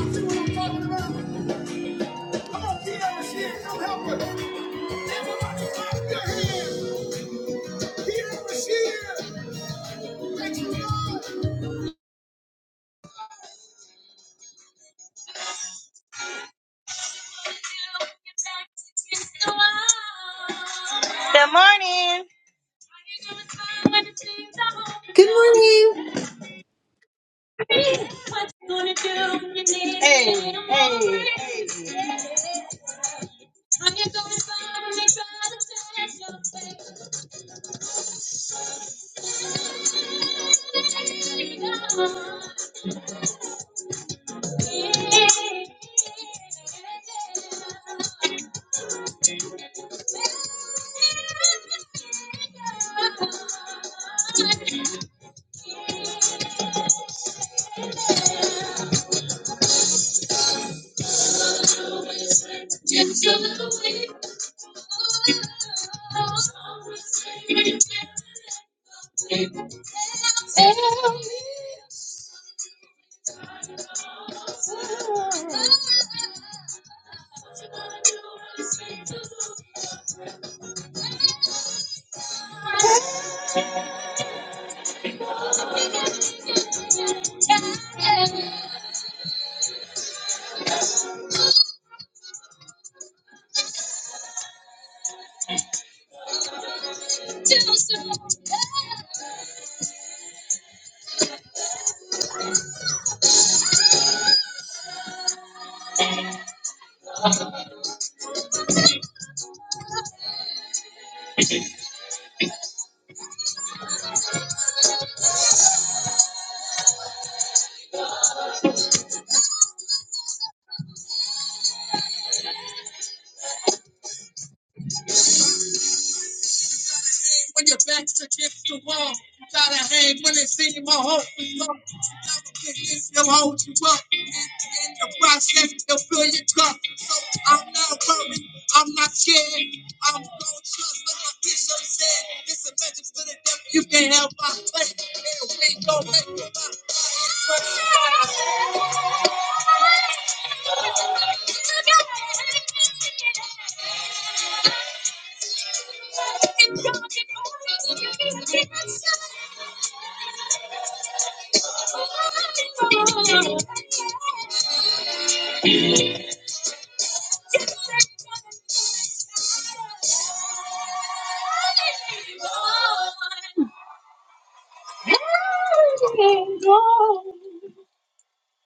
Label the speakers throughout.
Speaker 1: See what I'm talking about? Come on, Peter Rashid, come help us. Everybody clap your hands. Peter Rashid. Good morning.
Speaker 2: Good morning.
Speaker 1: What you gonna do? You need Hey, hey, hey.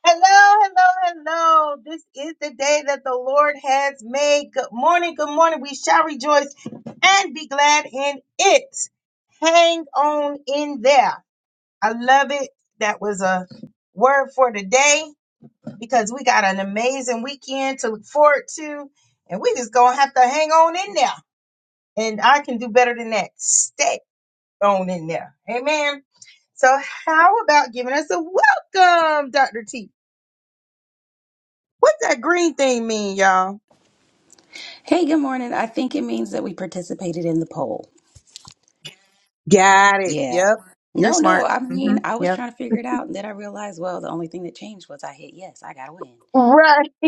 Speaker 1: Hello, hello, hello. This is the day that the Lord has made. Good morning, good morning. We shall rejoice and be glad in it. Hang on in there. I love it. That was a word for today. because we got an amazing weekend to look forward to, and we just gonna have to hang on in there. And I can do better than that. Stay on in there. Amen. So how about giving us a welcome, Dr. T? What's that green thing mean, y'all?
Speaker 3: Hey, good morning. I think it means that we participated in the poll.
Speaker 1: Got it.
Speaker 3: Yeah.
Speaker 1: Yep. You're
Speaker 3: No, no.
Speaker 1: smart.
Speaker 3: I
Speaker 1: Mm-hmm.
Speaker 3: mean, I was
Speaker 1: Yep.
Speaker 3: trying to figure it out, and then I realized, well, the only thing that changed was I hit yes. I gotta win.
Speaker 1: Right.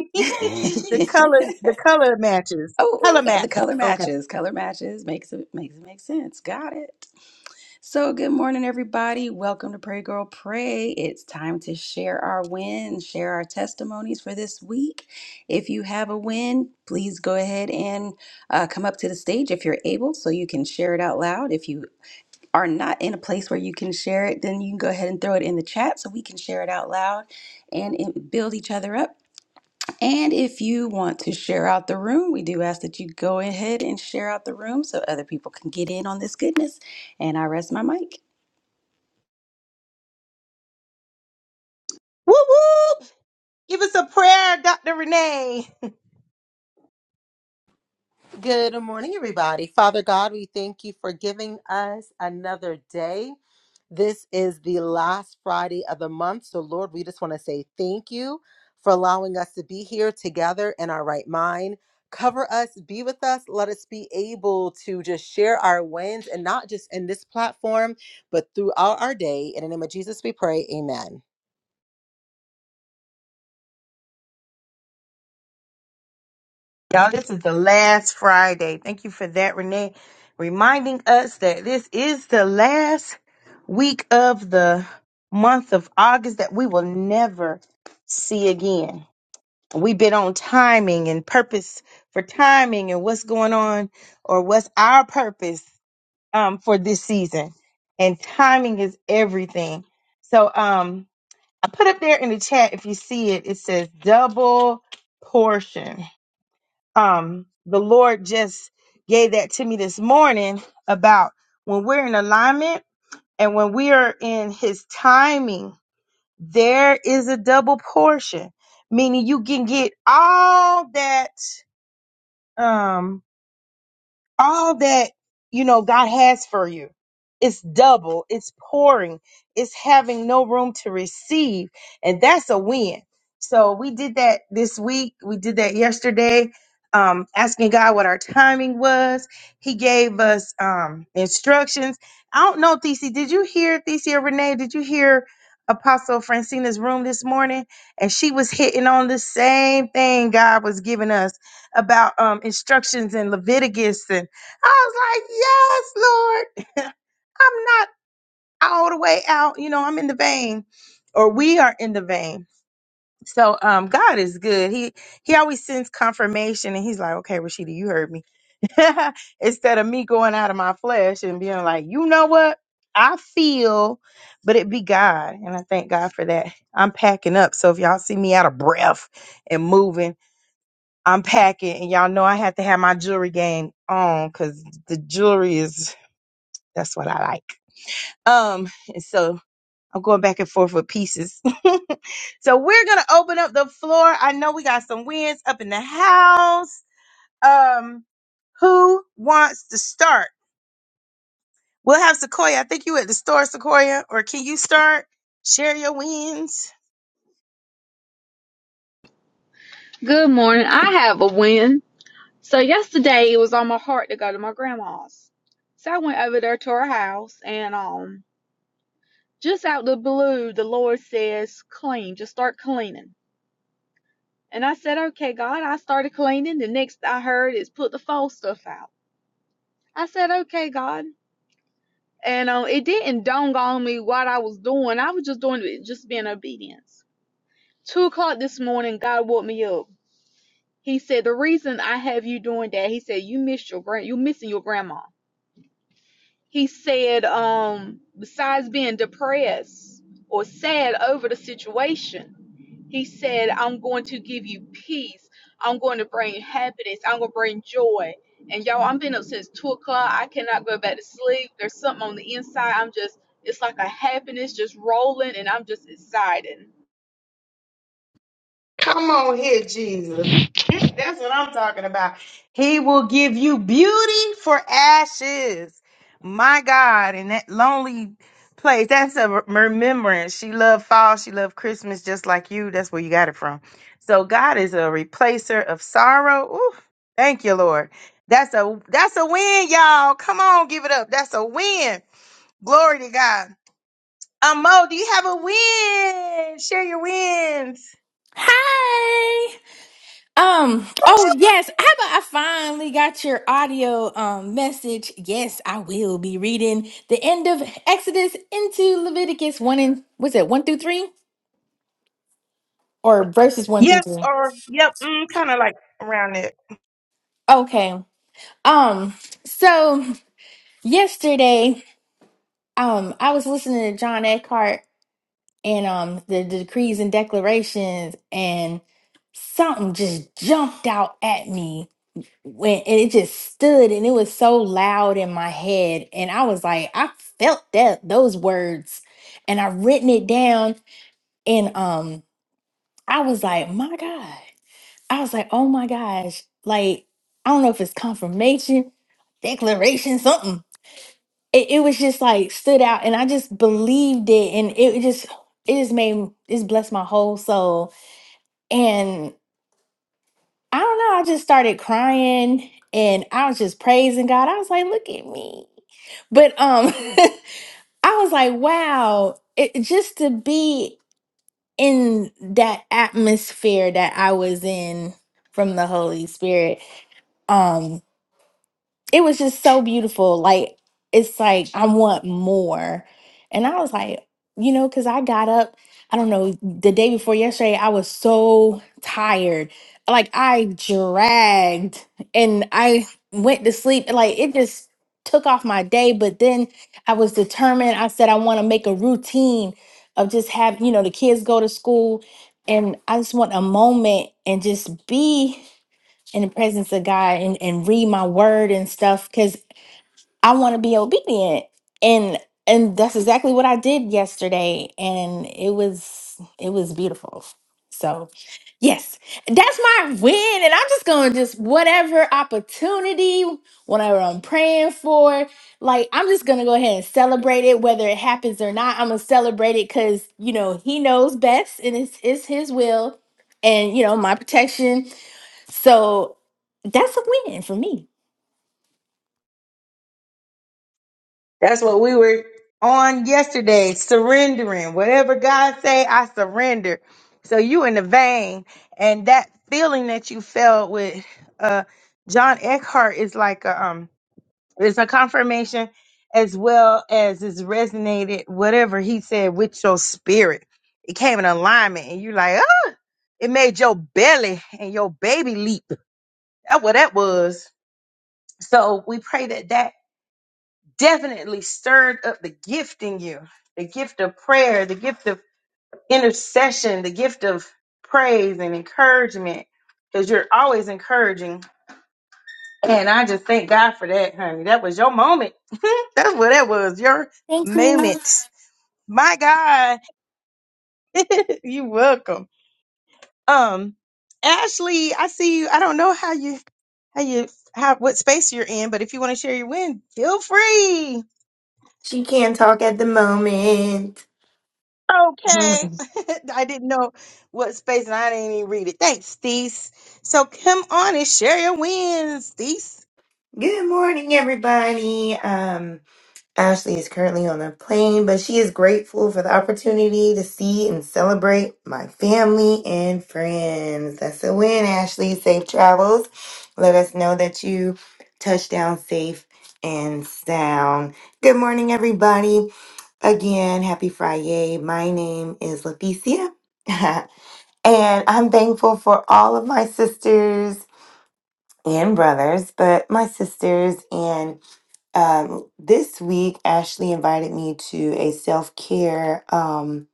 Speaker 1: the color, the color matches.
Speaker 3: oh,
Speaker 1: Color
Speaker 3: and the
Speaker 1: map.
Speaker 3: color
Speaker 1: Okay.
Speaker 3: matches. Color matches makes it makes it make sense. Got it. So, good morning, everybody. Welcome to Pray Girl Pray. It's time to share our wins, share our testimonies for this week. If you have a win, please go ahead and uh, come up to the stage if you're able so you can share it out loud. If you are not in a place where you can share it, then you can go ahead and throw it in the chat so we can share it out loud and it- build each other up. And if you want to share out the room, we do ask that you go ahead and share out the room so other people can get in on this goodness. And I rest my mic.
Speaker 1: Whoop whoop. Give us a prayer, Dr. Renee.
Speaker 2: Good morning, everybody. Father God, we thank you for giving us another day. This is the last Friday of the month. So, Lord, we just want to say thank you for allowing us to be here together in our right mind. Cover us, be with us. Let us be able to just share our wins and not just in this platform, but throughout our day. In the name of Jesus, we pray. Amen.
Speaker 1: Y'all, this is the last Friday. Thank you for that, Renee, reminding us that this is the last week of the month of August that we will never see again. We've been on timing and purpose for timing and what's going on or what's our purpose um, for this season. And timing is everything. So um, I put up there in the chat, if you see it, it says double portion um the lord just gave that to me this morning about when we're in alignment and when we are in his timing there is a double portion meaning you can get all that Um all that you know God has for you. It's double, it's pouring, it's having no room to receive, and that's a win. So we did that this week. We did that yesterday, um, asking God what our timing was. He gave us um, instructions. I don't know, Thesey, did you hear Thesey or Renee? Did you hear Apostle Francina's room this morning? And she was hitting on the same thing God was giving us about um, instructions in Leviticus and I was like, yes, Lord. I'm not all the way out. You know, I'm in the vein or we are in the vein. So um God is good. He he always sends confirmation and he's like, Okay, Rashida, you heard me. Instead of me going out of my flesh and being like, you know what? I feel, but it be God. And I thank God for that. I'm packing up. So if y'all see me out of breath and moving, I'm packing. And y'all know I have to have my jewelry game on because the jewelry is that's what I like. Um, and so I'm going back and forth with pieces. so we're gonna open up the floor. I know we got some wins up in the house. Um, who wants to start? We'll have Sequoia. I think you at the store, Sequoia. Or can you start? Share your wins.
Speaker 4: Good morning. I have a win. So yesterday it was on my heart to go to my grandma's. So I went over there to her house and um just out the blue the Lord says clean, just start cleaning. And I said, Okay God, I started cleaning. The next I heard is put the foul stuff out. I said, Okay God. And um it didn't dawn on me what I was doing. I was just doing it just being obedience. Two o'clock this morning, God woke me up. He said the reason I have you doing that, he said you missed your grand, you missing your grandma. He said, um, besides being depressed or sad over the situation, he said, I'm going to give you peace. I'm going to bring happiness. I'm going to bring joy. And y'all, I've been up since two o'clock. I cannot go back to sleep. There's something on the inside. I'm just, it's like a happiness just rolling, and I'm just excited.
Speaker 1: Come on here, Jesus. That's what I'm talking about. He will give you beauty for ashes. My God, in that lonely place, that's a re- remembrance. She loved fall, she loved Christmas just like you. That's where you got it from. So God is a replacer of sorrow. Ooh, thank you, Lord. That's a that's a win, y'all. Come on, give it up. That's a win. Glory to God. Um, Mo, do you have a win? Share your wins.
Speaker 5: Hi. Um, oh yes, how about I finally got your audio um message? Yes, I will be reading the end of Exodus into Leviticus 1 and was it 1 through 3 or verses 1 through
Speaker 1: Yep,
Speaker 5: 3?
Speaker 1: or yep, mm, kind of like around it.
Speaker 5: Okay. Um, so yesterday, um, I was listening to John Eckhart and um the decrees and declarations and something just jumped out at me when and it just stood and it was so loud in my head and i was like i felt that those words and i written it down and um i was like my god i was like oh my gosh like i don't know if it's confirmation declaration something it, it was just like stood out and i just believed it and it just it just made m- it's blessed my whole soul I don't know. I just started crying and I was just praising God. I was like, look at me. But um I was like, wow, it, just to be in that atmosphere that I was in from the Holy Spirit. Um it was just so beautiful. Like it's like I want more. And I was like, you know, cuz I got up, I don't know, the day before yesterday, I was so tired. Like I dragged and I went to sleep like it just took off my day, but then I was determined. I said I want to make a routine of just having you know, the kids go to school and I just want a moment and just be in the presence of God and, and read my word and stuff because I want to be obedient. And and that's exactly what I did yesterday. And it was it was beautiful. So yes, that's my win. And I'm just gonna just whatever opportunity, whatever I'm praying for, like I'm just gonna go ahead and celebrate it, whether it happens or not. I'm gonna celebrate it because you know he knows best and it's it's his will and you know my protection so that's a win for me.
Speaker 1: That's what we were on yesterday, surrendering. Whatever God say, I surrender. So you in the vein, and that feeling that you felt with uh John Eckhart is like a um it's a confirmation as well as it's resonated whatever he said with your spirit. It came in alignment and you like, oh, it made your belly and your baby leap. That's what that was. So we pray that that definitely stirred up the gift in you the gift of prayer, the gift of intercession, the gift of praise and encouragement because you're always encouraging. And I just thank God for that, honey. That was your moment. That's what that was, your
Speaker 5: Thank you.
Speaker 1: moment. My God, you are welcome. Um, Ashley, I see you. I don't know how you, how you, how what space you're in, but if you want to share your win, feel free.
Speaker 6: She can't talk at the moment.
Speaker 1: Okay.
Speaker 6: Mm.
Speaker 1: I didn't know what space and I didn't even read it. Thanks, Steez. So come on and share your wins, Steez.
Speaker 6: Good morning, everybody. Um, Ashley is currently on a plane, but she is grateful for the opportunity to see and celebrate my family and friends. That's a win, Ashley. Safe travels. Let us know that you touched down safe and sound. Good morning, everybody. Again, happy Friday. My name is Leticia, and I'm thankful for all of my sisters and brothers, but my sisters. And um, this week, Ashley invited me to a self care um,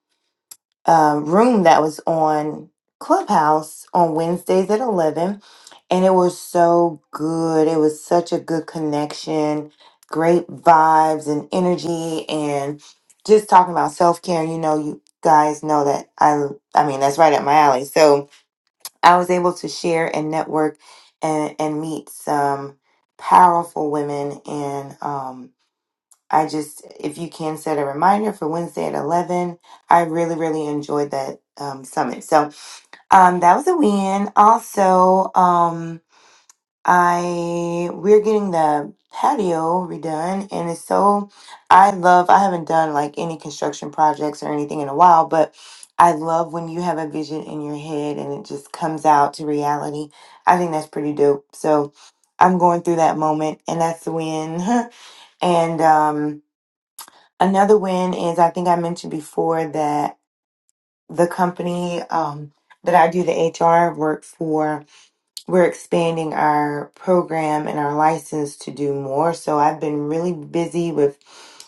Speaker 6: uh, room that was on Clubhouse on Wednesdays at 11. And it was so good. It was such a good connection, great vibes and energy, and just talking about self care. You know, you guys know that I, I mean, that's right up my alley. So, I was able to share and network and, and meet some powerful women. And um, I just, if you can set a reminder for Wednesday at 11, I really, really enjoyed that um, summit. So um, that was a win. Also, um, I we're getting the patio redone and it's so I love I haven't done like any construction projects or anything in a while, but I love when you have a vision in your head and it just comes out to reality. I think that's pretty dope. So I'm going through that moment and that's the win. and um another win is I think I mentioned before that the company um that I do the HR work for we're expanding our program and our license to do more. So I've been really busy with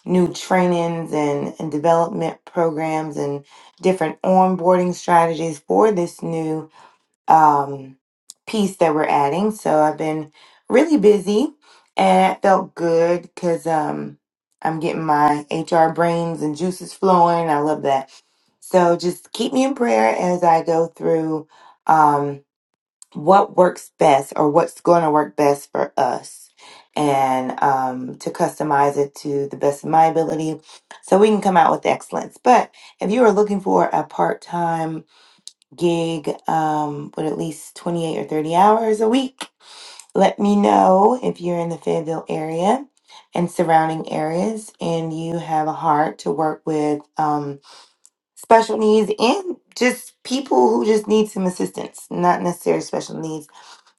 Speaker 6: new trainings and, and development programs and different onboarding strategies for this new um, piece that we're adding. So I've been really busy and it felt good because um, I'm getting my HR brains and juices flowing. I love that. So just keep me in prayer as I go through. Um, what works best or what's going to work best for us and um, to customize it to the best of my ability so we can come out with excellence. But if you are looking for a part time gig um, with at least 28 or 30 hours a week, let me know if you're in the Fayetteville area and surrounding areas and you have a heart to work with um, special needs and just people who just need some assistance, not necessarily special needs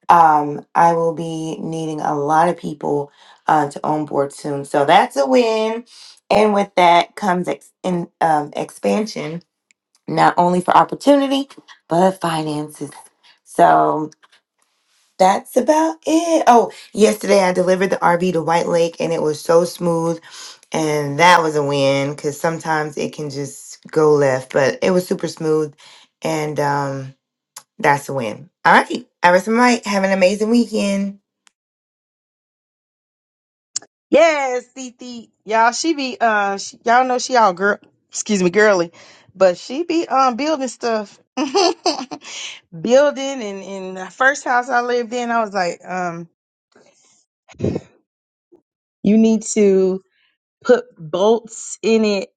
Speaker 6: um, I will be needing a lot of people uh, to onboard soon. So that's a win. And with that comes ex- in, um, expansion, not only for opportunity, but finances. So that's about it. Oh, yesterday I delivered the RV to White Lake and it was so smooth. And that was a win because sometimes it can just go left, but it was super smooth. And um, that's a win. All right. Iris and Mike, have an amazing weekend.
Speaker 1: Yes, Thee Y'all, she be uh she, y'all know she all girl excuse me, girly. But she be um building stuff. building and in the first house I lived in, I was like, um, you need to put bolts in it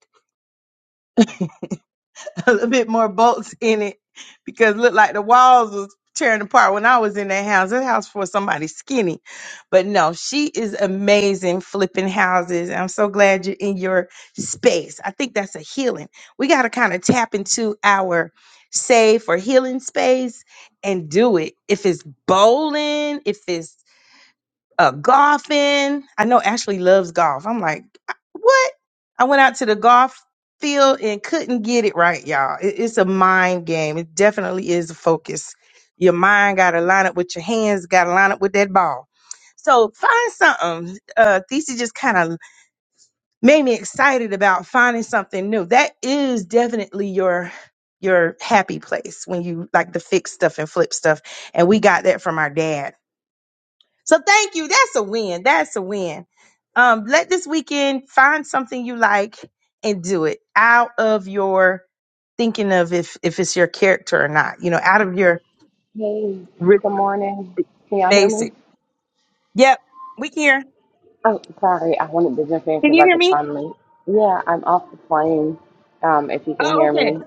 Speaker 1: a little bit more bolts in it because it looked like the walls was tearing apart when I was in that house. That house for somebody skinny. But no, she is amazing flipping houses. I'm so glad you're in your space. I think that's a healing. We got to kind of tap into our safe or healing space and do it. If it's bowling, if it's uh, golfing. I know Ashley loves golf. I'm like, what? I went out to the golf field and couldn't get it right, y'all. It- it's a mind game. It definitely is a focus. Your mind got to line up with your hands, got to line up with that ball. So find something. Uh, Thesis just kind of made me excited about finding something new. That is definitely your your happy place when you like to fix stuff and flip stuff. And we got that from our dad so thank you. That's a win. That's a win. Um, let this weekend find something you like and do it out of your thinking of if if it's your character or not. You know, out of your
Speaker 7: Hey,
Speaker 1: rich
Speaker 7: good morning. Can y'all hear me?
Speaker 1: basic. Yep, we can hear.
Speaker 7: Oh, sorry. I wanted to jump in
Speaker 1: Can
Speaker 7: because
Speaker 1: you
Speaker 7: I
Speaker 1: hear
Speaker 7: could
Speaker 1: me?
Speaker 7: finally. Yeah, I'm off the plane. Um, if you can hear me,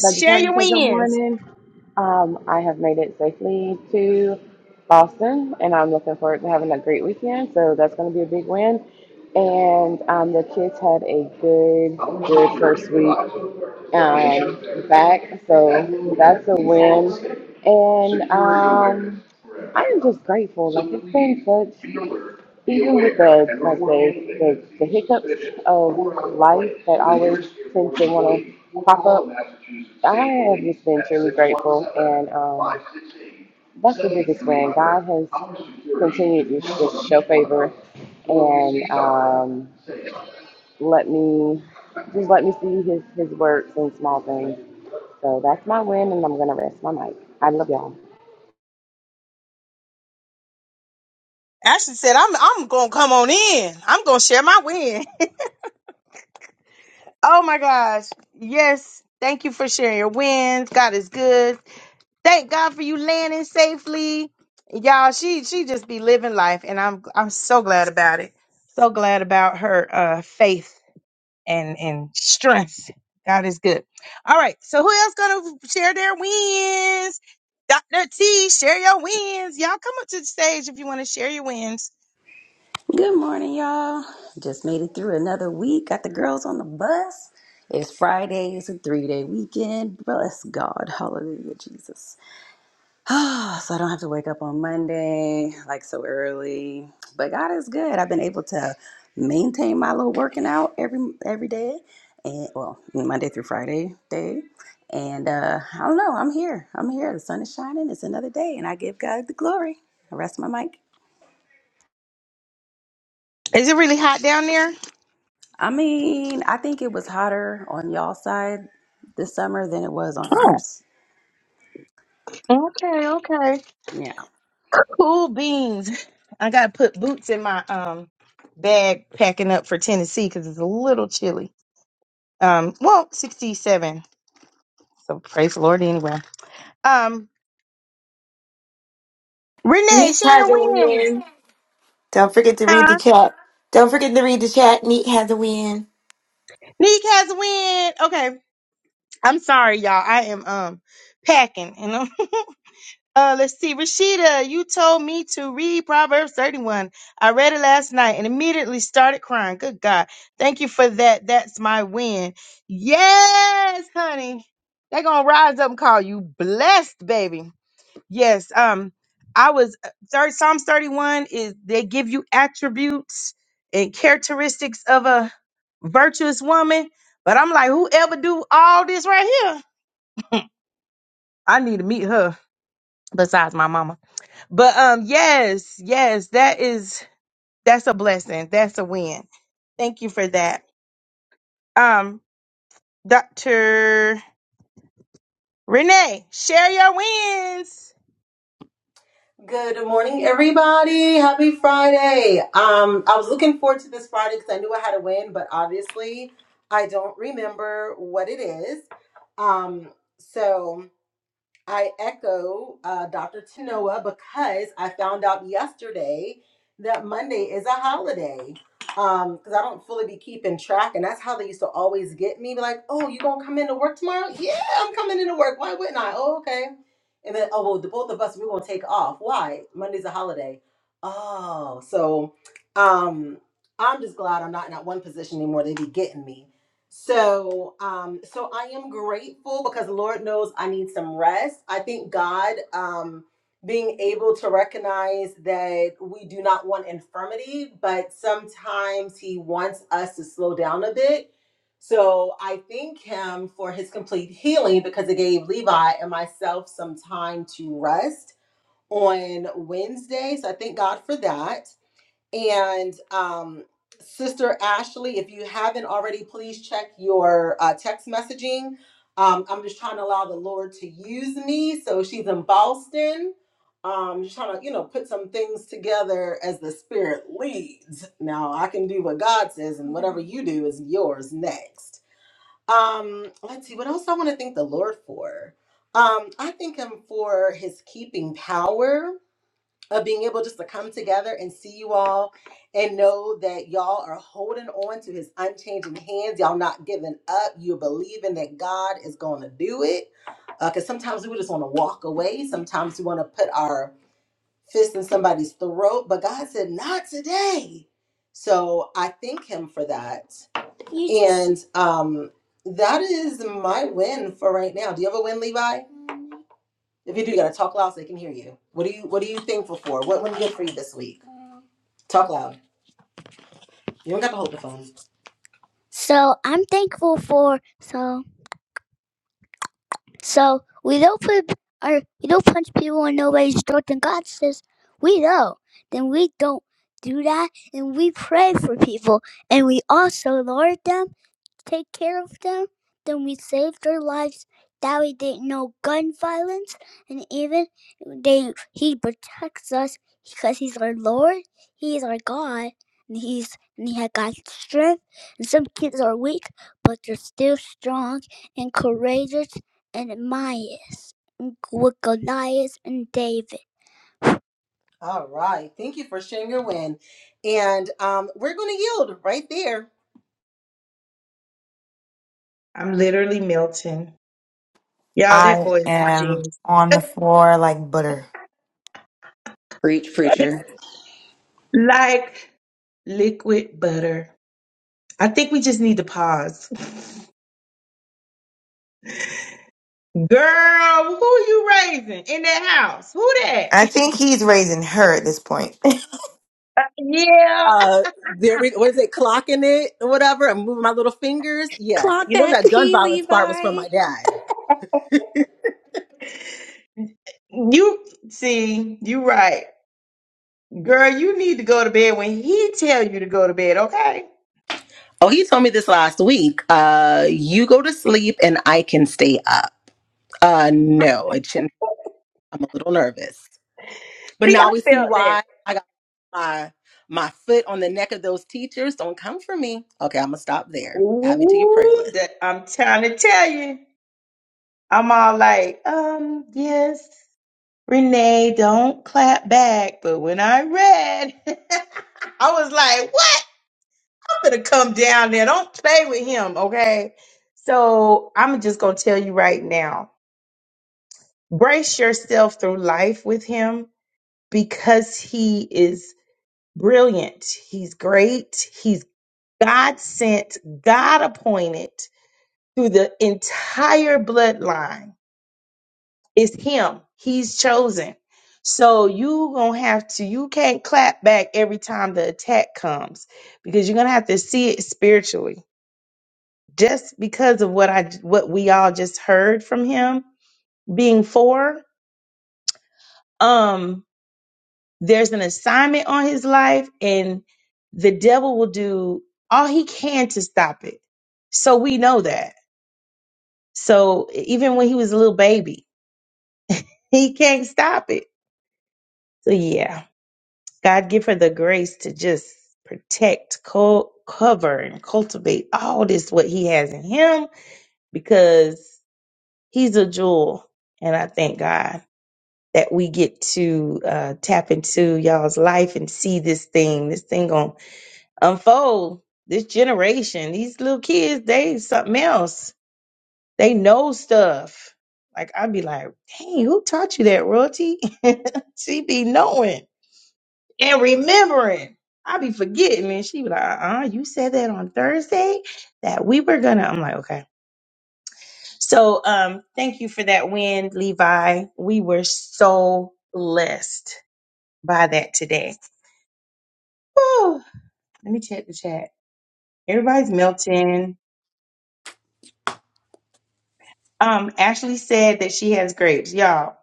Speaker 7: so I just wanted to say good morning. Um, I have made it safely to Boston, and I'm looking forward to having a great weekend. So that's going to be a big win. And um, the kids had a good, good first week um, back, so that's a win. And um, I am just grateful. Like it's been such, even with the like the the, the hiccups of life that always tend to want to pop up. I have just been truly grateful, and um, that's the biggest thing. God has continued to just show favor and um, let me just let me see His His works in small things. So that's my win, and I'm gonna rest my mic. I love y'all.
Speaker 1: Ashley said, "I'm I'm gonna come on in. I'm gonna share my win." oh my gosh! Yes, thank you for sharing your wins. God is good. Thank God for you landing safely. Y'all, she she just be living life and I'm I'm so glad about it. So glad about her uh faith and and strength. God is good. All right. So who else gonna share their wins? Dr. T, share your wins. Y'all come up to the stage if you want to share your wins.
Speaker 3: Good morning, y'all. Just made it through another week. Got the girls on the bus. It's Friday. It's a three day weekend. Bless God. Hallelujah, Jesus. Ah, so I don't have to wake up on Monday like so early. But God is good. I've been able to maintain my little working out every every day, and well, Monday through Friday day. And uh, I don't know. I'm here. I'm here. The sun is shining. It's another day, and I give God the glory. I rest my mic.
Speaker 1: Is it really hot down there?
Speaker 3: I mean, I think it was hotter on y'all side this summer than it was on
Speaker 1: Oh,
Speaker 3: ours.
Speaker 1: okay, okay.
Speaker 3: Yeah.
Speaker 1: Cool beans. I gotta put boots in my um bag packing up for Tennessee because it's a little chilly. Um, well, 67. So praise the Lord anyway. Um, Renee,
Speaker 6: Neat had
Speaker 1: Shayna
Speaker 6: the
Speaker 1: wins.
Speaker 6: win. Don't forget to read the
Speaker 1: Huh?
Speaker 6: chat. Don't forget to read the chat. Neat had the win.
Speaker 1: Neek has a win. Okay. I'm sorry, y'all. I am um packing and I'm uh let's see, Rashida, you told me to read Proverbs 31. I read it last night and immediately started crying. Good God. Thank you for that. That's my win. Yes, honey. They're gonna rise up and call you blessed, baby. Yes. Um, I was third Psalms 31 is they give you attributes and characteristics of a virtuous woman. But I'm like, whoever do all this right here, I need to meet her besides my mama. But um, yes, yes, that is that's a blessing. That's a win. Thank you for that. Um, Dr. Renee, share your wins.
Speaker 2: Good morning, everybody. Happy Friday. Um, I was looking forward to this Friday because I knew I had a win, but obviously I don't remember what it is. Um, so. I echo uh, Dr. Tanoa because I found out yesterday that Monday is a holiday. Um, because I don't fully be keeping track, and that's how they used to always get me. Be like, "Oh, you gonna come into work tomorrow? Yeah, I'm coming into work. Why wouldn't I? Oh, okay." And then, oh well, the both of us we're gonna take off. Why? Monday's a holiday. Oh, so um, I'm just glad I'm not in that one position anymore. They be getting me. So, um, so I am grateful because Lord knows I need some rest. I think God, um, being able to recognize that we do not want infirmity, but sometimes He wants us to slow down a bit. So I thank Him for His complete healing because it gave Levi and myself some time to rest on Wednesday. So I thank God for that. And um, Sister Ashley, if you haven't already, please check your uh, text messaging. Um, I'm just trying to allow the Lord to use me. So she's in Boston. Um, just trying to, you know, put some things together as the Spirit leads. Now I can do what God says, and whatever you do is yours next. Um, let's see what else I want to thank the Lord for. Um, I thank Him for His keeping power of being able just to come together and see you all and know that y'all are holding on to his unchanging hands. Y'all not giving up. You're believing that God is going to do it. Because sometimes we just want to walk away. Sometimes we want to put our fist in somebody's throat. But God said, not today. So I thank him for that. You just- And um, that is my win for right now. Do you have a win, Levi? If you do, you gotta talk loud so they can hear you. What do you What are you thankful for? What went good for you this week? Talk loud. You don't got to hold the phone. So I'm thankful for so so we don't put or we don't punch people in nobody's throat. And God says we know. Then we don't do that, and we pray for people, and we also Lord them. take care of them, then we saved their lives. That way they know gun violence, and even they he protects us because he's our Lord, he is our God, and he's and he had God's strength. And some kids are weak, but they're still strong and courageous and mighty with Goliath and David. All right. Thank you for sharing your win. And um, we're going to yield right there.
Speaker 1: I'm literally melting. Y'all, that
Speaker 6: I
Speaker 1: boy is a
Speaker 6: am
Speaker 1: genius.
Speaker 6: on the floor like butter.
Speaker 3: Preach, preacher.
Speaker 1: Like. Liquid butter. I think we just need to pause. Girl, who you raising in that house? Who that?
Speaker 6: I think he's raising her at this point.
Speaker 1: yeah.
Speaker 2: uh there we what is it clocking it or whatever i'm moving my little fingers yes And
Speaker 3: Clock
Speaker 2: you know
Speaker 3: that
Speaker 2: that gun
Speaker 3: tea,
Speaker 2: violence part was from
Speaker 3: Levi.
Speaker 2: my dad
Speaker 1: You see, you right. Girl, you need to go to bed when he tell you to go to bed, okay?
Speaker 2: oh he told me this last week uh you go to sleep and i can stay up uh no it shouldn't i'm a little nervous but
Speaker 1: See,
Speaker 2: now we
Speaker 1: I
Speaker 2: see
Speaker 1: felt that.
Speaker 2: why i got my my foot on the neck of those teachers don't come for me okay i'm gonna stop there add me to your prayer
Speaker 1: Ooh,
Speaker 2: list
Speaker 1: that- I'm trying to tell you. I'm all like, um, yes, Renee, don't clap back. But when I read, I was like, what? to come down there. Don't play with him, okay? So I'm just gonna tell you right now, brace yourself through life with him because he is brilliant. He's great. He's God sent, God appointed through the entire bloodline. It's him. He's chosen. So you gonna have to. You can't clap back every time the attack comes because you're gonna have to see it spiritually just because of what I what we all just heard from him being four, um, there's an assignment on his life, and the devil will do all he can to stop it. So we know that. So even when he was a little baby, he can't stop it. So yeah, God give her the grace to just protect, co- cover, and cultivate all this what he has in him because he's a jewel, and I thank God. that we get to uh, tap into y'all's life and see this thing. This thing gonna unfold. This generation, these little kids, they something else. They know stuff. Like I'd be like, dang, who taught you that, royalty? she be knowing and remembering. I be forgetting, and she be like, uh-uh, you said that on Thursday that we were gonna. I'm like, okay. So, um, thank you for that win, Levi. We were so blessed by that today. Whew. Let me check the chat. Everybody's melting. Um, Ashley said that she has grapes. Y'all,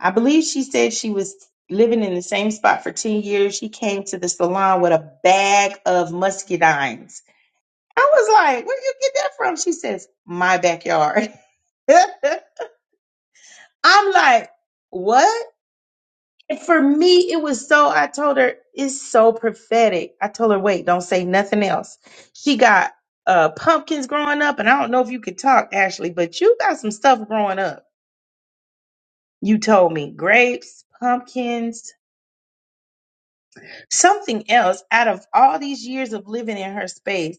Speaker 1: I believe she said she was living in the same spot for 10 years. She came to the salon with a bag of muscadines. I was like, where do you get that from? She says, my backyard. I'm like, what? And for me, it was so, I told her, it's so prophetic. I told her, wait, don't say nothing else. She got uh, pumpkins growing up, and I don't know if you could talk, Ashley, but you got some stuff growing up. You told me grapes, pumpkins, something else. Out of all these years of living in her space,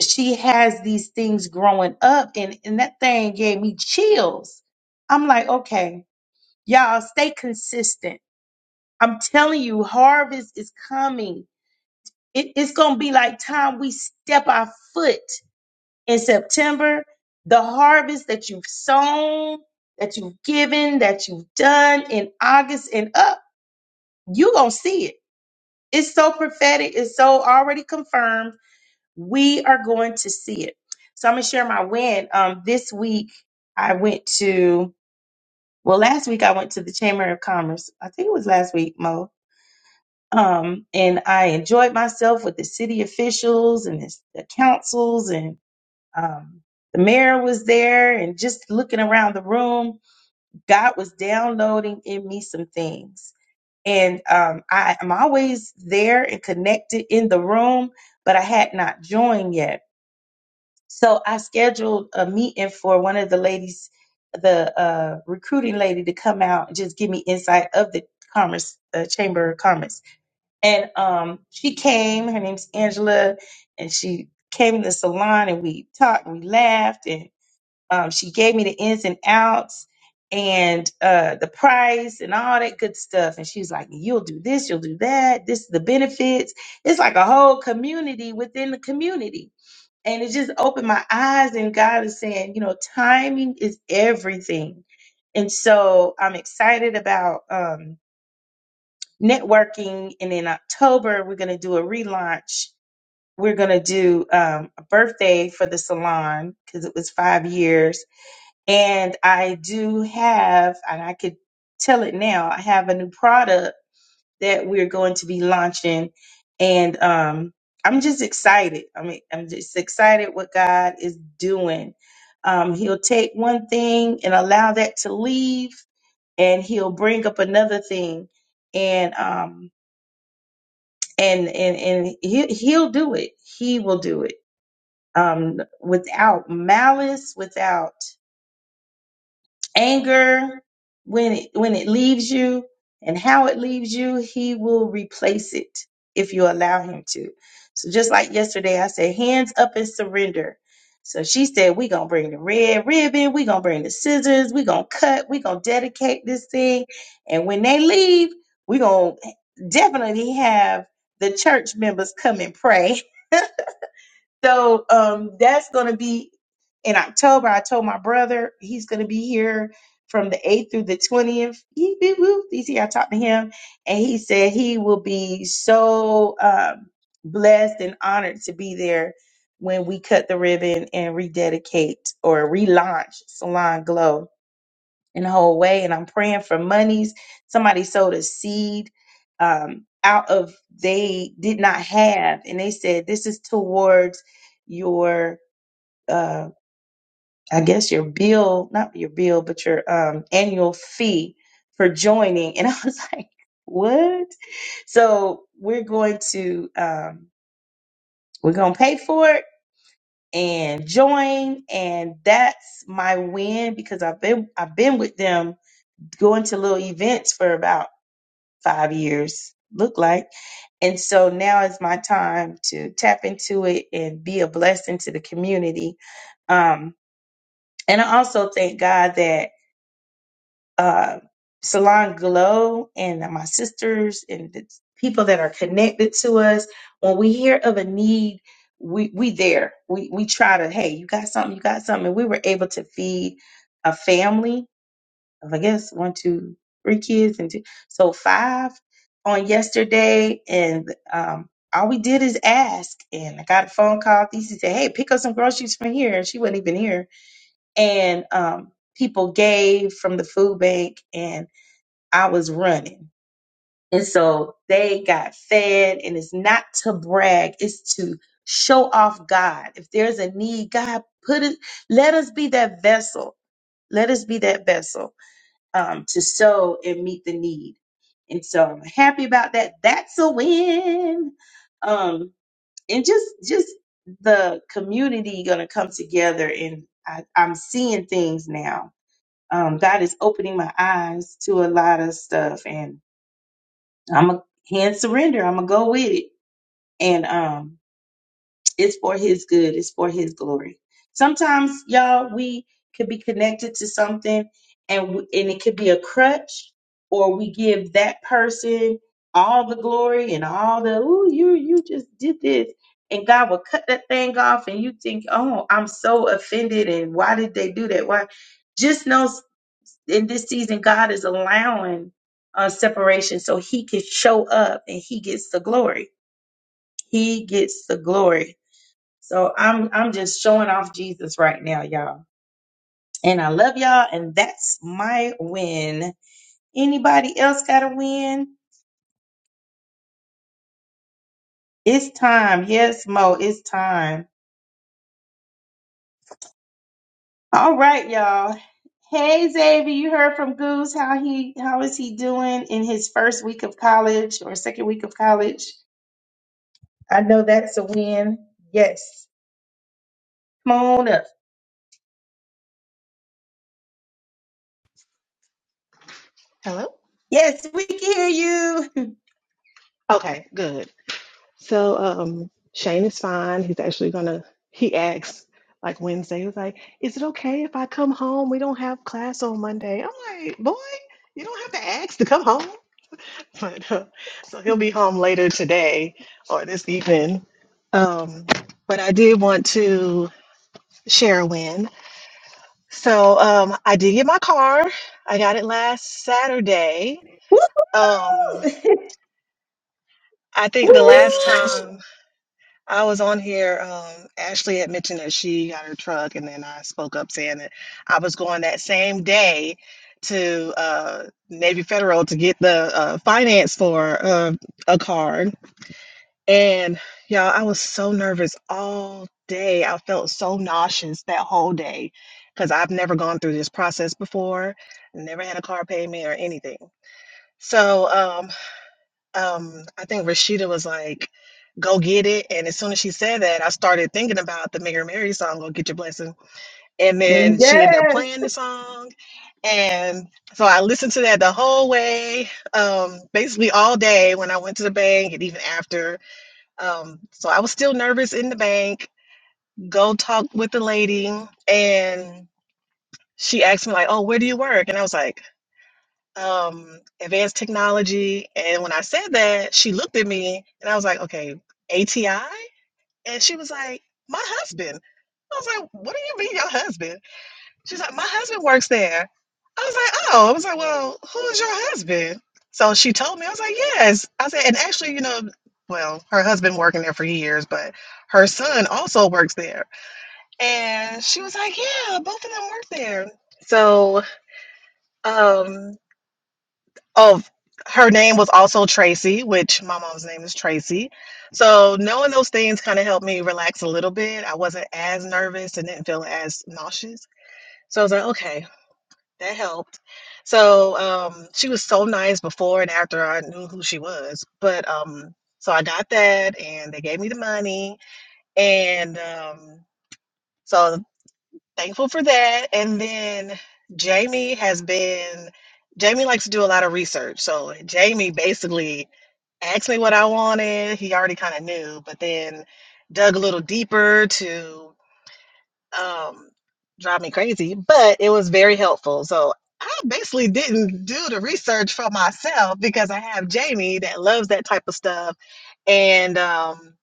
Speaker 1: she has these things growing up, and, and that thing gave me chills. I'm like, okay, y'all stay consistent. I'm telling you, harvest is coming it- it's gonna be like time we step our foot in September. The harvest that you've sown, that you've given, that you've done in August and up, you're gonna see it. It's so prophetic, it's so already confirmed. We are going to see it. So I'm gonna share my win. Um, this week I went to well, last week I went to the Chamber of Commerce. I think it was last week, Mo Um, and I enjoyed myself with the city officials and this, the councils, and um, the mayor was there. And just looking around the room, God was downloading in me some things. And um, I am always there and connected in the room, but I had not joined yet. So I scheduled a meeting for one of the ladies, the uh, recruiting lady, to come out and just give me insight of the Commerce uh, Chamber of Commerce. And um, she came. Her name's Angela, and she came to the salon, and we talked, and we laughed, and um, she gave me the ins and outs, and uh, the price, and all that good stuff. And she's like, "You'll do this, you'll do that. This is the benefits." It's like a whole community within the community, and it just opened my eyes. And God is saying, you know, timing is everything, and so I'm excited about. Um, networking. And in October, we're going to do a relaunch. We're going to do um, a birthday for the salon because it was five years. And I do have, and I could tell it now, I have a new product that we're going to be launching. And um, I'm just excited. I mean, I'm just excited what God is doing. Um, he'll take one thing and allow that to leave, and he'll bring up another thing. And um, and and and he he'll do it. He will do it um, without malice, without anger. When it when it leaves you and how it leaves you, he will replace it if you allow him to. So just like yesterday, I said, hands up and surrender. So she said, we gonna bring the red ribbon, we gonna bring the scissors, we gonna cut, we gonna dedicate this thing, and when they leave, we gonna definitely have the church members come and pray So um, that's going to be in October. I told my brother he's going to be here from the 8th through the 20th. He, he, he, he- I talked to him, and he said he will be so um, blessed and honored to be there when we cut the ribbon and rededicate or relaunch Salon Glow in a whole way. And I'm praying for monies. Somebody sowed a seed um, out of they did not have, and they said this is towards your, uh, I guess your bill, not your bill, but your um, annual fee for joining. And I was like, what? So we're going to um, we're going to pay for it and join and that's my win because I've been I've been with them going to little events for about five years look like. And so now is my time to tap into it and be a blessing to the community. Um, and I also thank God that uh, Salon Glow and my sisters and the people that are connected to us, when we hear of a need, we we there. We we try to, hey, you got something, you got something. And we were able to feed a family of, I guess one, two, three kids, and two, so five on yesterday. And um, all we did is ask. And I got a phone call. These said, "Hey, pick up some groceries from here," and she wasn't even here. And um, people gave from the food bank, and I was running. And so they got fed. And it's not to brag; it's to show off God. If there's a need, God put it. Let us be that vessel. Let us be that vessel um, to sow and meet the need. And so I'm happy about that. That's a win. Um, and just just the community gonna come together and I, I'm seeing things now. Um, God is opening my eyes to a lot of stuff and I'm a hand surrender. I'm gonna go with it. And um it's for his good. It's for his glory. Sometimes, y'all, we could be connected to something and we, and it could be a crutch or we give that person all the glory and all the ooh you you just did this and God will cut that thing off and you think, "Oh, I'm so offended and why did they do that?" Why just know s- in this season God is allowing uh, separation so he can show up and he gets the glory. He gets the glory so I'm I'm just showing off Jesus right now, y'all. And I love y'all, and that's my win. Anybody else got a win? It's time. Yes, Mo, it's time. All right, y'all. Hey Xavier, you heard from Goose how he how is he doing in his first week of college or second week of college? I know that's a win. Yes. Come on up.
Speaker 8: Hello?
Speaker 1: Yes, we can hear you.
Speaker 8: Okay, good. So um Shane is fine. He's actually gonna he asked like Wednesday, he was like, Is it okay if I come home? We don't have class on Monday. I'm like, boy, you don't have to ask to come home. But uh, so he'll be home later today or this evening. Um, but I did want to share a win. So um I did get my car. I got it last Saturday. Um I think the
Speaker 6: Woo!
Speaker 8: last time I was on here. Um, Ashley had mentioned that she got her truck, and then I spoke up saying that I was going that same day to uh, Navy Federal to get the uh, finance for uh, a card. And y'all, I was so nervous all day. I felt so nauseous that whole day because I've never gone through this process before, never had a car payment or anything. So, um, um, I think Rashida was like, "Go get it." And as soon as she said that, I started thinking about the Mary Mary song, "Go Get Your Blessing." And then she ended up
Speaker 1: Yes.
Speaker 8: playing the song, and so I listened to that the whole way, um, basically all day when I went to the bank and even after. Um, so I was still nervous in the bank. Go talk with the lady, and she asked me like, "Oh, where do you work?" And I was like um, advanced technology. And when I said that, she looked at me and I was like, okay, ATI? And she was like, my husband. I was like, what do you mean your husband? She's like, my husband works there. I was like, oh, I was like, well, who's your husband? So she told me, I was like, yes. I said, and actually, you know, well, her husband working there for years, but her son also works there. And she was like, yeah, both of them work there. So, um, of her name was also Tracy, which my mom's name is Tracy. So knowing those things kind of helped me relax a little bit. I wasn't as nervous and didn't feel as nauseous. So I was like, okay, that helped. So um, she was so nice before and after I knew who she was. But um, so I got that, and they gave me the money, and um, so thankful for that. And then Jamie has been. Jamie likes to do a lot of research. So Jamie basically asked me what I wanted. He already kind of knew, but then dug a little deeper to um, drive me crazy. But it was very helpful. So I basically didn't do the research for myself because I have Jamie that loves that type of stuff. And um,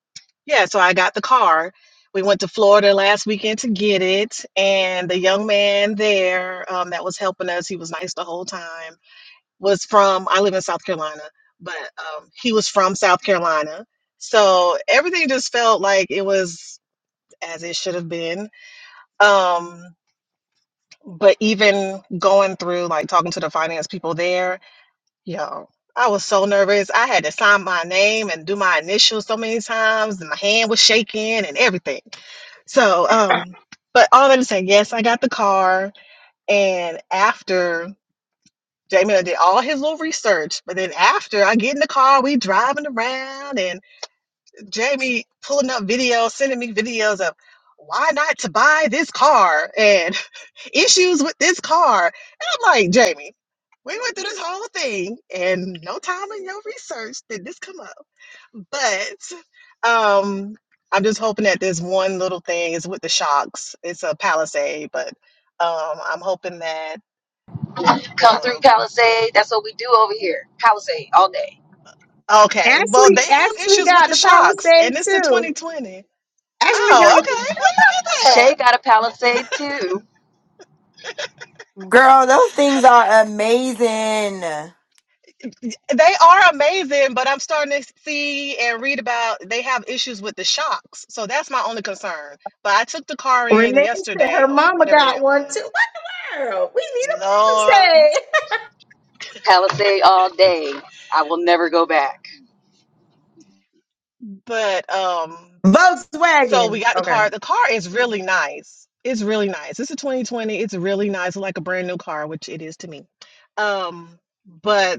Speaker 8: yeah, so I got the car. We went to Florida last weekend to get it. And the young man there um, that was helping us, he was nice the whole time was from I live in South Carolina, but um, he was from South Carolina. So everything just felt like it was as it should have been. Um, but even going through like talking to the finance people there, yo, I was so nervous. I had to sign my name and do my initials so many times, and my hand was shaking and everything. So, um, but all that to say, yes, I got the car, and after Jamie did all his little research, but then after I get in the car, we driving around, and Jamie pulling up videos, sending me videos of why not to buy this car and issues with this car. And I'm like, Jamie, we went through this whole thing, and no time in your research did this come up. But um, I'm just hoping that this one little thing is with the shocks. It's a Palisade, but um, I'm hoping that
Speaker 3: Come through
Speaker 8: well.
Speaker 3: Palisade. That's what we do over here. Palisade all day.
Speaker 8: Okay, well,
Speaker 1: Ashley,
Speaker 8: they have
Speaker 1: Ashley
Speaker 8: issues with
Speaker 1: got
Speaker 8: the
Speaker 1: the
Speaker 8: shocks, and it's in
Speaker 1: Palisade
Speaker 8: 2020.
Speaker 1: Ashley got
Speaker 8: Oh,
Speaker 1: a
Speaker 8: okay. Well, look
Speaker 3: Shay
Speaker 8: at
Speaker 3: got a Palisade too.
Speaker 6: Girl, those things are amazing.
Speaker 8: that. They are amazing, but I'm starting to see and read about they have issues with the shocks. So that's my only concern. But I took the car in
Speaker 1: Renee said her
Speaker 8: yesterday or
Speaker 1: mama
Speaker 8: whatever day
Speaker 1: got
Speaker 8: that
Speaker 1: one too.
Speaker 8: was.
Speaker 1: What the world? We need a Thursday.
Speaker 8: Lord.
Speaker 3: Palisade all day. I will never go back.
Speaker 8: But um, so
Speaker 1: Volkswagen.
Speaker 8: we got the
Speaker 1: Okay.
Speaker 8: car. The car is really nice. It's really nice. It's a 2020. It's really nice, like a brand new car, which it is to me. Um, but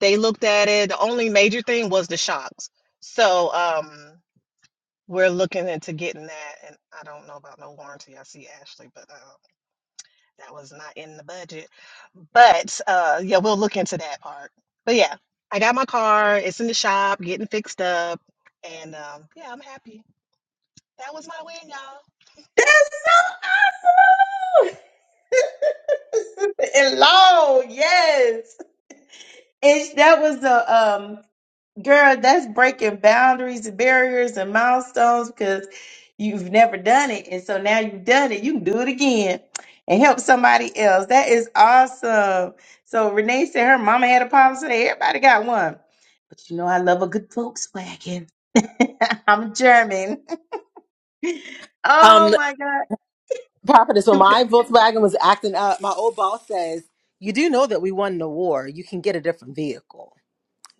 Speaker 8: They looked at it. The only major thing was the shocks. So um, we're looking into getting that. And I don't know about no warranty. I see Ashley, but um, that was not in the budget. But uh, yeah, we'll look into that part. But yeah, I got my car. It's in the shop, getting fixed up. And um, yeah, I'm happy. That was my win, y'all.
Speaker 1: That's awesome. and long, yes. And that was the um Girl, that's breaking boundaries, barriers, and milestones because you've never done it. And so now you've done it. You can do it again and help somebody else. That is awesome. So Renee said her mama had a problem today. Everybody got one. But you know, I love a good Volkswagen. I'm German.
Speaker 2: um
Speaker 1: Oh my God.
Speaker 2: prophetess when
Speaker 1: Good
Speaker 2: my volkswagen was acting up my old boss says you do know that we won the war you can get a different vehicle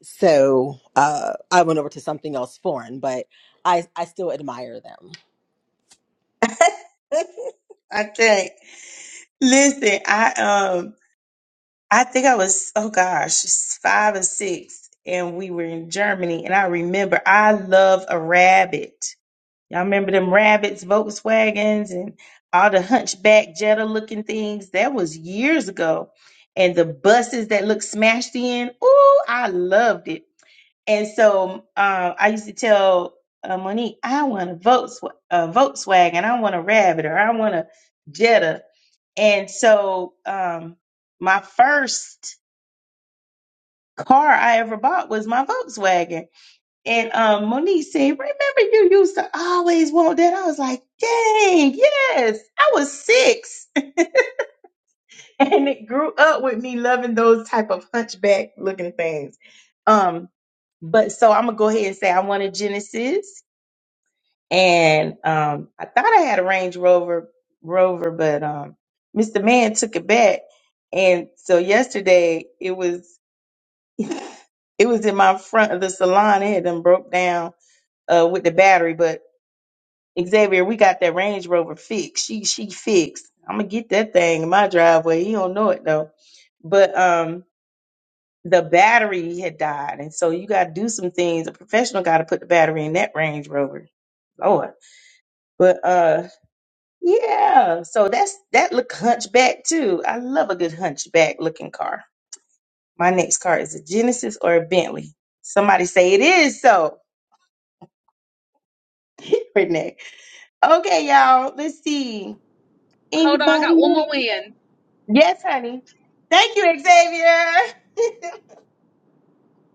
Speaker 2: So uh, I went over to something else foreign, but I, I still admire them.
Speaker 1: I think. Listen, I um, I think I was oh gosh, five or six, and we were in Germany, and I remember I love a rabbit. Y'all remember them rabbits, Volkswagens, and all the hunchback Jetta looking things? That was years ago. And the buses that looked smashed in. Ooh, I loved it. And so uh, I used to tell uh, Monique, I want a Volks- a Volkswagen, I want a rabbit, or I want a Jetta. And so um, my first car I ever bought was my Volkswagen. And um, Monique said, Remember, you used to always want that. I was like, Dang, yes. I was six. and it grew up with me loving those type of hunchback looking things. Um, but so I'm going to go ahead and say I wanted Genesis. And um, I thought I had a Range Rover, Rover, but um, Mr. Man took it back. And so yesterday it was. It was in my front of the salon. It had done broke down uh, with the battery, but Xavier, we got that Range Rover fixed. She she fixed. I'm gonna get that thing in my driveway. He don't know it though. But um the battery had died. And so you gotta do some things. A professional gotta put the battery in that Range Rover. Lord. But uh yeah, so that's that look hunchback too. I love a good hunchback looking car. My next car is a Genesis or a Bentley. Somebody say it is so, Renee. Okay, y'all, let's see.
Speaker 4: Hold on, I got
Speaker 1: Anybody
Speaker 4: one more win.
Speaker 1: Yes, honey. Thank you, Xavier.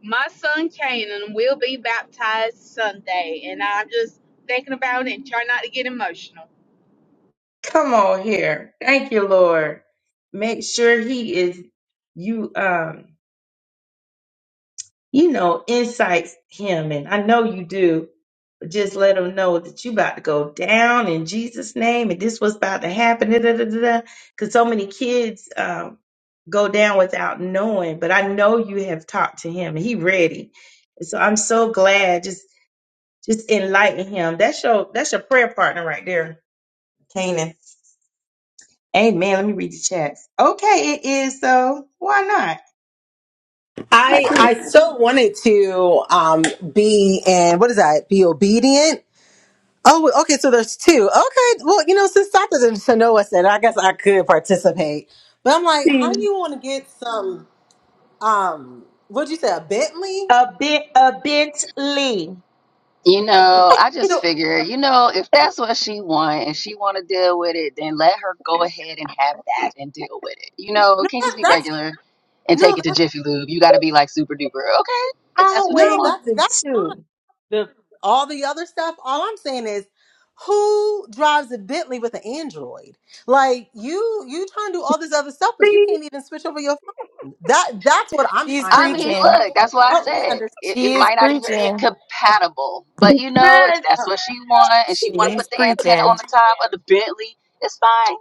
Speaker 4: my son Canaan will be baptized Sunday, and I'm just thinking about it and try not to get emotional.
Speaker 1: Come on here. Thank you, Lord. Make sure he is you um you know insights him and I know you do, but just let him know that you about to go down in Jesus' name and this was about to happen. Da, da, da, da, da. Cause so many kids um go down without knowing, but I know you have talked to him and he ready. So I'm so glad. Just just enlighten him. That's your that's your prayer partner right there Canaan. Amen. Let me read the chat. Okay, it is so. Why not? Why I
Speaker 2: I,
Speaker 1: can't
Speaker 2: I still wanted to um, be and what is that? Be obedient. Oh, well, okay. So there's two. Okay. Well, you know, since Dr. Sanoa said, I guess I could participate. But I'm like, how do
Speaker 1: see
Speaker 2: you want to get some? Um, what'd you say? A Bentley?
Speaker 1: a bit a Bentley.
Speaker 3: You know, I just
Speaker 2: So
Speaker 3: figure, you know, if that's what she want and she want to deal with it, then let her go ahead and have that and deal with it. You know,
Speaker 2: no,
Speaker 3: it can't just
Speaker 2: that-
Speaker 3: be
Speaker 2: that's
Speaker 3: regular and
Speaker 2: no,
Speaker 3: take it to
Speaker 2: that's
Speaker 3: Jiffy Lube. You got to be like super duper. Okay, if that's what you
Speaker 1: Always
Speaker 2: no,
Speaker 3: want.
Speaker 2: that's
Speaker 1: the
Speaker 2: that's
Speaker 1: two.
Speaker 2: the all the other stuff all i'm saying is who drives a bentley with an android like you you trying to do all this other stuff but you can't even switch over your phone that that's what i'm
Speaker 6: She's
Speaker 2: trying
Speaker 3: I
Speaker 2: to
Speaker 3: mean,
Speaker 2: understand
Speaker 6: preaching.
Speaker 3: look, that's why I
Speaker 2: help me
Speaker 3: said
Speaker 2: understand
Speaker 3: it, it
Speaker 6: She is
Speaker 3: might not even be
Speaker 6: preaching.
Speaker 3: compatible. But you know, if
Speaker 1: Cause
Speaker 3: that's
Speaker 2: Oh,
Speaker 3: what she want and she want to
Speaker 6: She's
Speaker 3: put the antenna
Speaker 6: preaching.
Speaker 3: on the top of the Bentley, it's fine.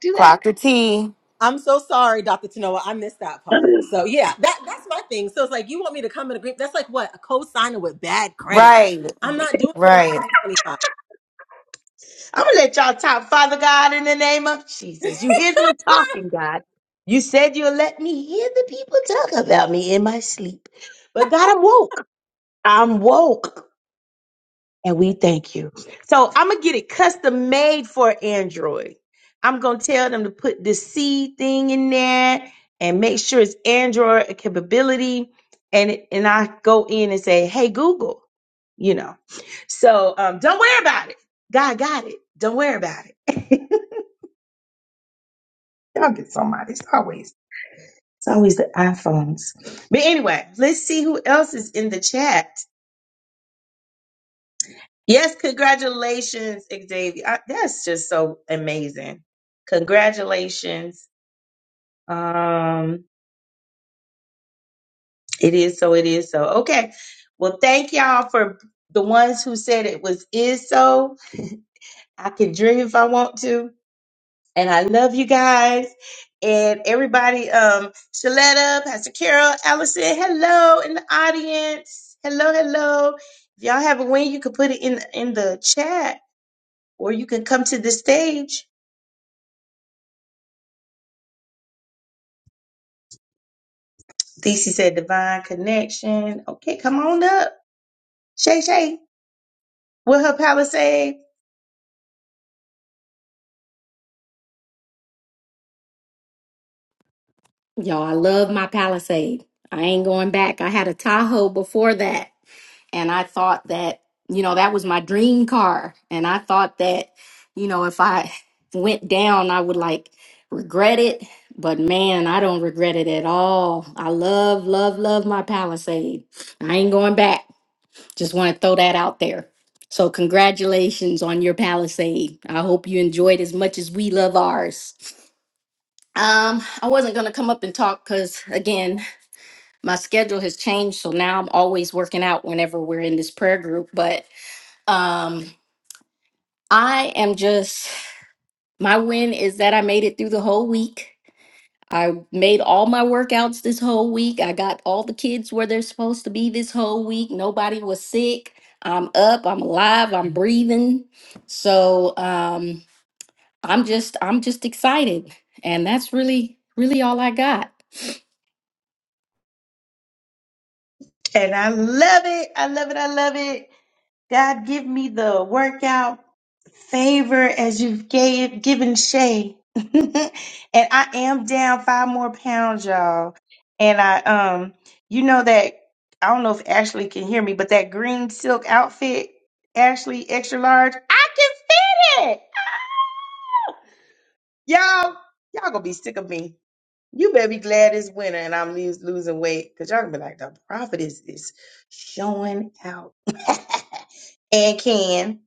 Speaker 3: Do that.
Speaker 6: Clock the T.
Speaker 2: i'm so sorry dr tanoa i missed that part so yeah that that's my thing so it's like you want me to come in a group that's like what a co-signer with bad credit
Speaker 6: Right,
Speaker 2: i'm not doing that in
Speaker 6: right.
Speaker 2: 2025
Speaker 1: I'm gonna let y'all talk, Father God, in the name of Jesus. You hear them talking, God. You said you'll let me hear the people talk about me in my sleep. But God, I'm woke. I'm woke. and we thank you. So I'm gonna get it custom made for Android. I'm gonna tell them to put the C thing in there and make sure it's Android capability. And and I go in and say, hey Google, you know. So um, don't worry about it. God got it. Don't worry about it. Y'all get somebody. It's always it's always the iPhones. But anyway, let's see who else is in the chat. Yes, congratulations, Xavier. I, that's just so amazing. Congratulations. Um, it is so, it is so. Okay. Well, thank y'all for the ones who said it was is so. I can dream if I want to. And I love you guys. And everybody, um, Shaletta, Pastor Carol, Allison, hello in the audience. Hello, hello. If y'all have a win, you can put it in in the chat or you can come to the stage DC said divine connection. Okay, come on up. Shay Shay with her palisade.
Speaker 9: Y'all, I love my Palisade. I ain't going back. I had a Tahoe before that, and I thought that, you know, that was my dream car. And I thought that, you know, if I went down, I would like regret it. But man, I don't regret it at all. I love, love, love my Palisade. I ain't going back. Just want to throw that out there. So, congratulations on your Palisade. I hope you enjoyed as much as we love ours. Um, I wasn't gonna come up and talk because again, my schedule has changed so now i'm always working out whenever we're in this prayer group but um i am just my win is that i made it through the whole week i made all my workouts this whole week i got all the kids where they're supposed to be this whole week nobody was sick i'm up i'm alive i'm breathing so um i'm just i'm just excited and that's really really all i got
Speaker 1: And I love it. I love it. I love it. God give me the workout favor as you've gave given Shay. and I am down five more pounds, y'all. And I um you know that I don't know if Ashley can hear me, but that green silk outfit, Ashley extra large, I can fit it. Ah! Y'all, y'all gonna be sick of me You better be glad it's winter and I'm lose, losing weight because y'all gonna be like, the prophet is, is showing out and can.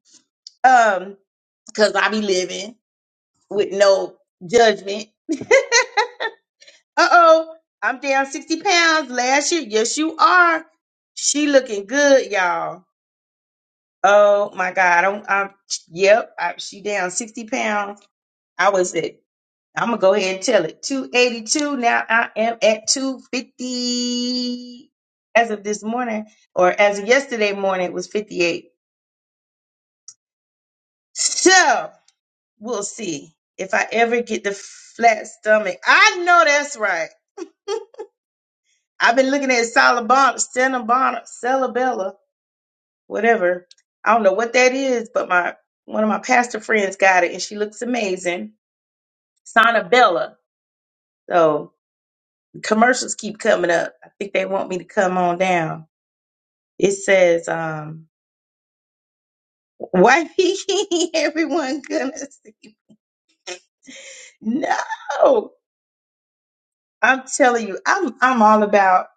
Speaker 1: Um, because I be living with no judgment. Uh oh, I'm down 60 pounds last year. Yes, you are. She looking good, y'all. Oh my God. I'm, I'm yep, I, she down 60 pounds. I was at I'm gonna go ahead and tell it. 282. Now I am at 250 as of this morning, or as of yesterday morning, it was 58. So we'll see if I ever get the flat stomach. I know that's right. I've been looking at Salabana, Stenabana, Salabella, whatever. I don't know what that is, but my one of my pastor friends got it and she looks amazing. Sonabella. So commercials keep coming up. I think they want me to come on down. It says, um, why everyone gonna see? No, I'm telling you, I'm I'm all about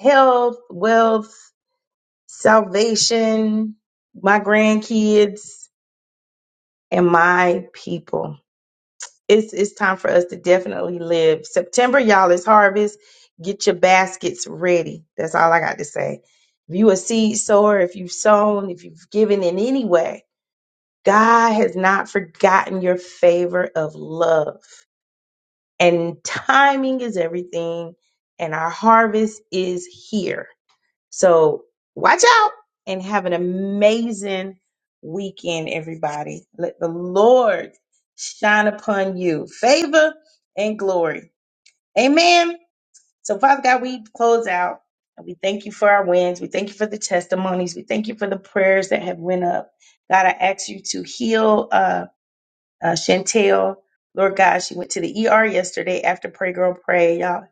Speaker 1: health, wealth, salvation, my grandkids, and my people. It's it's time for us to definitely live. September, y'all, is harvest. Get your baskets ready. That's all I got to say. If you a seed sower, if you've sown, if you've given in any way, God has not forgotten your favor of love. And timing is everything, and our harvest is here. So watch out and have an amazing weekend, everybody. Let the Lord shine upon you favor and glory. Amen. So, Father God, we close out. And we thank you for our wins. We thank you for the testimonies. We thank you for the prayers that have went up. God, I ask you to heal. Uh, uh, Chantel, Lord God, she went to the ER yesterday after Pray Girl Pray. Y'all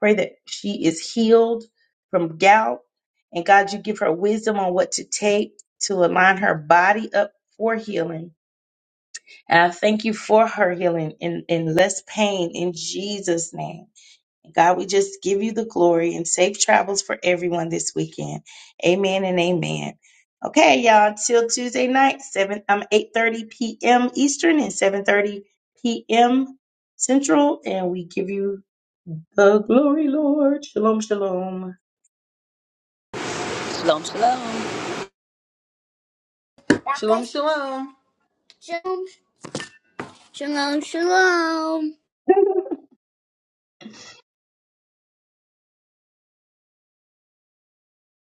Speaker 1: pray that she is healed from gout. And God, you give her wisdom on what to take to align her body up for healing. And I thank you for her healing in, in less pain in Jesus' name. God, we just give you the glory and safe travels for everyone this weekend. Amen and amen. Okay, y'all, until Tuesday night, 7 um 8:30 p.m. Eastern and 7:30 p.m. Central, and we give you the glory, Lord. Shalom, shalom.
Speaker 3: Shalom, shalom.
Speaker 2: shalom shalom shalom shalom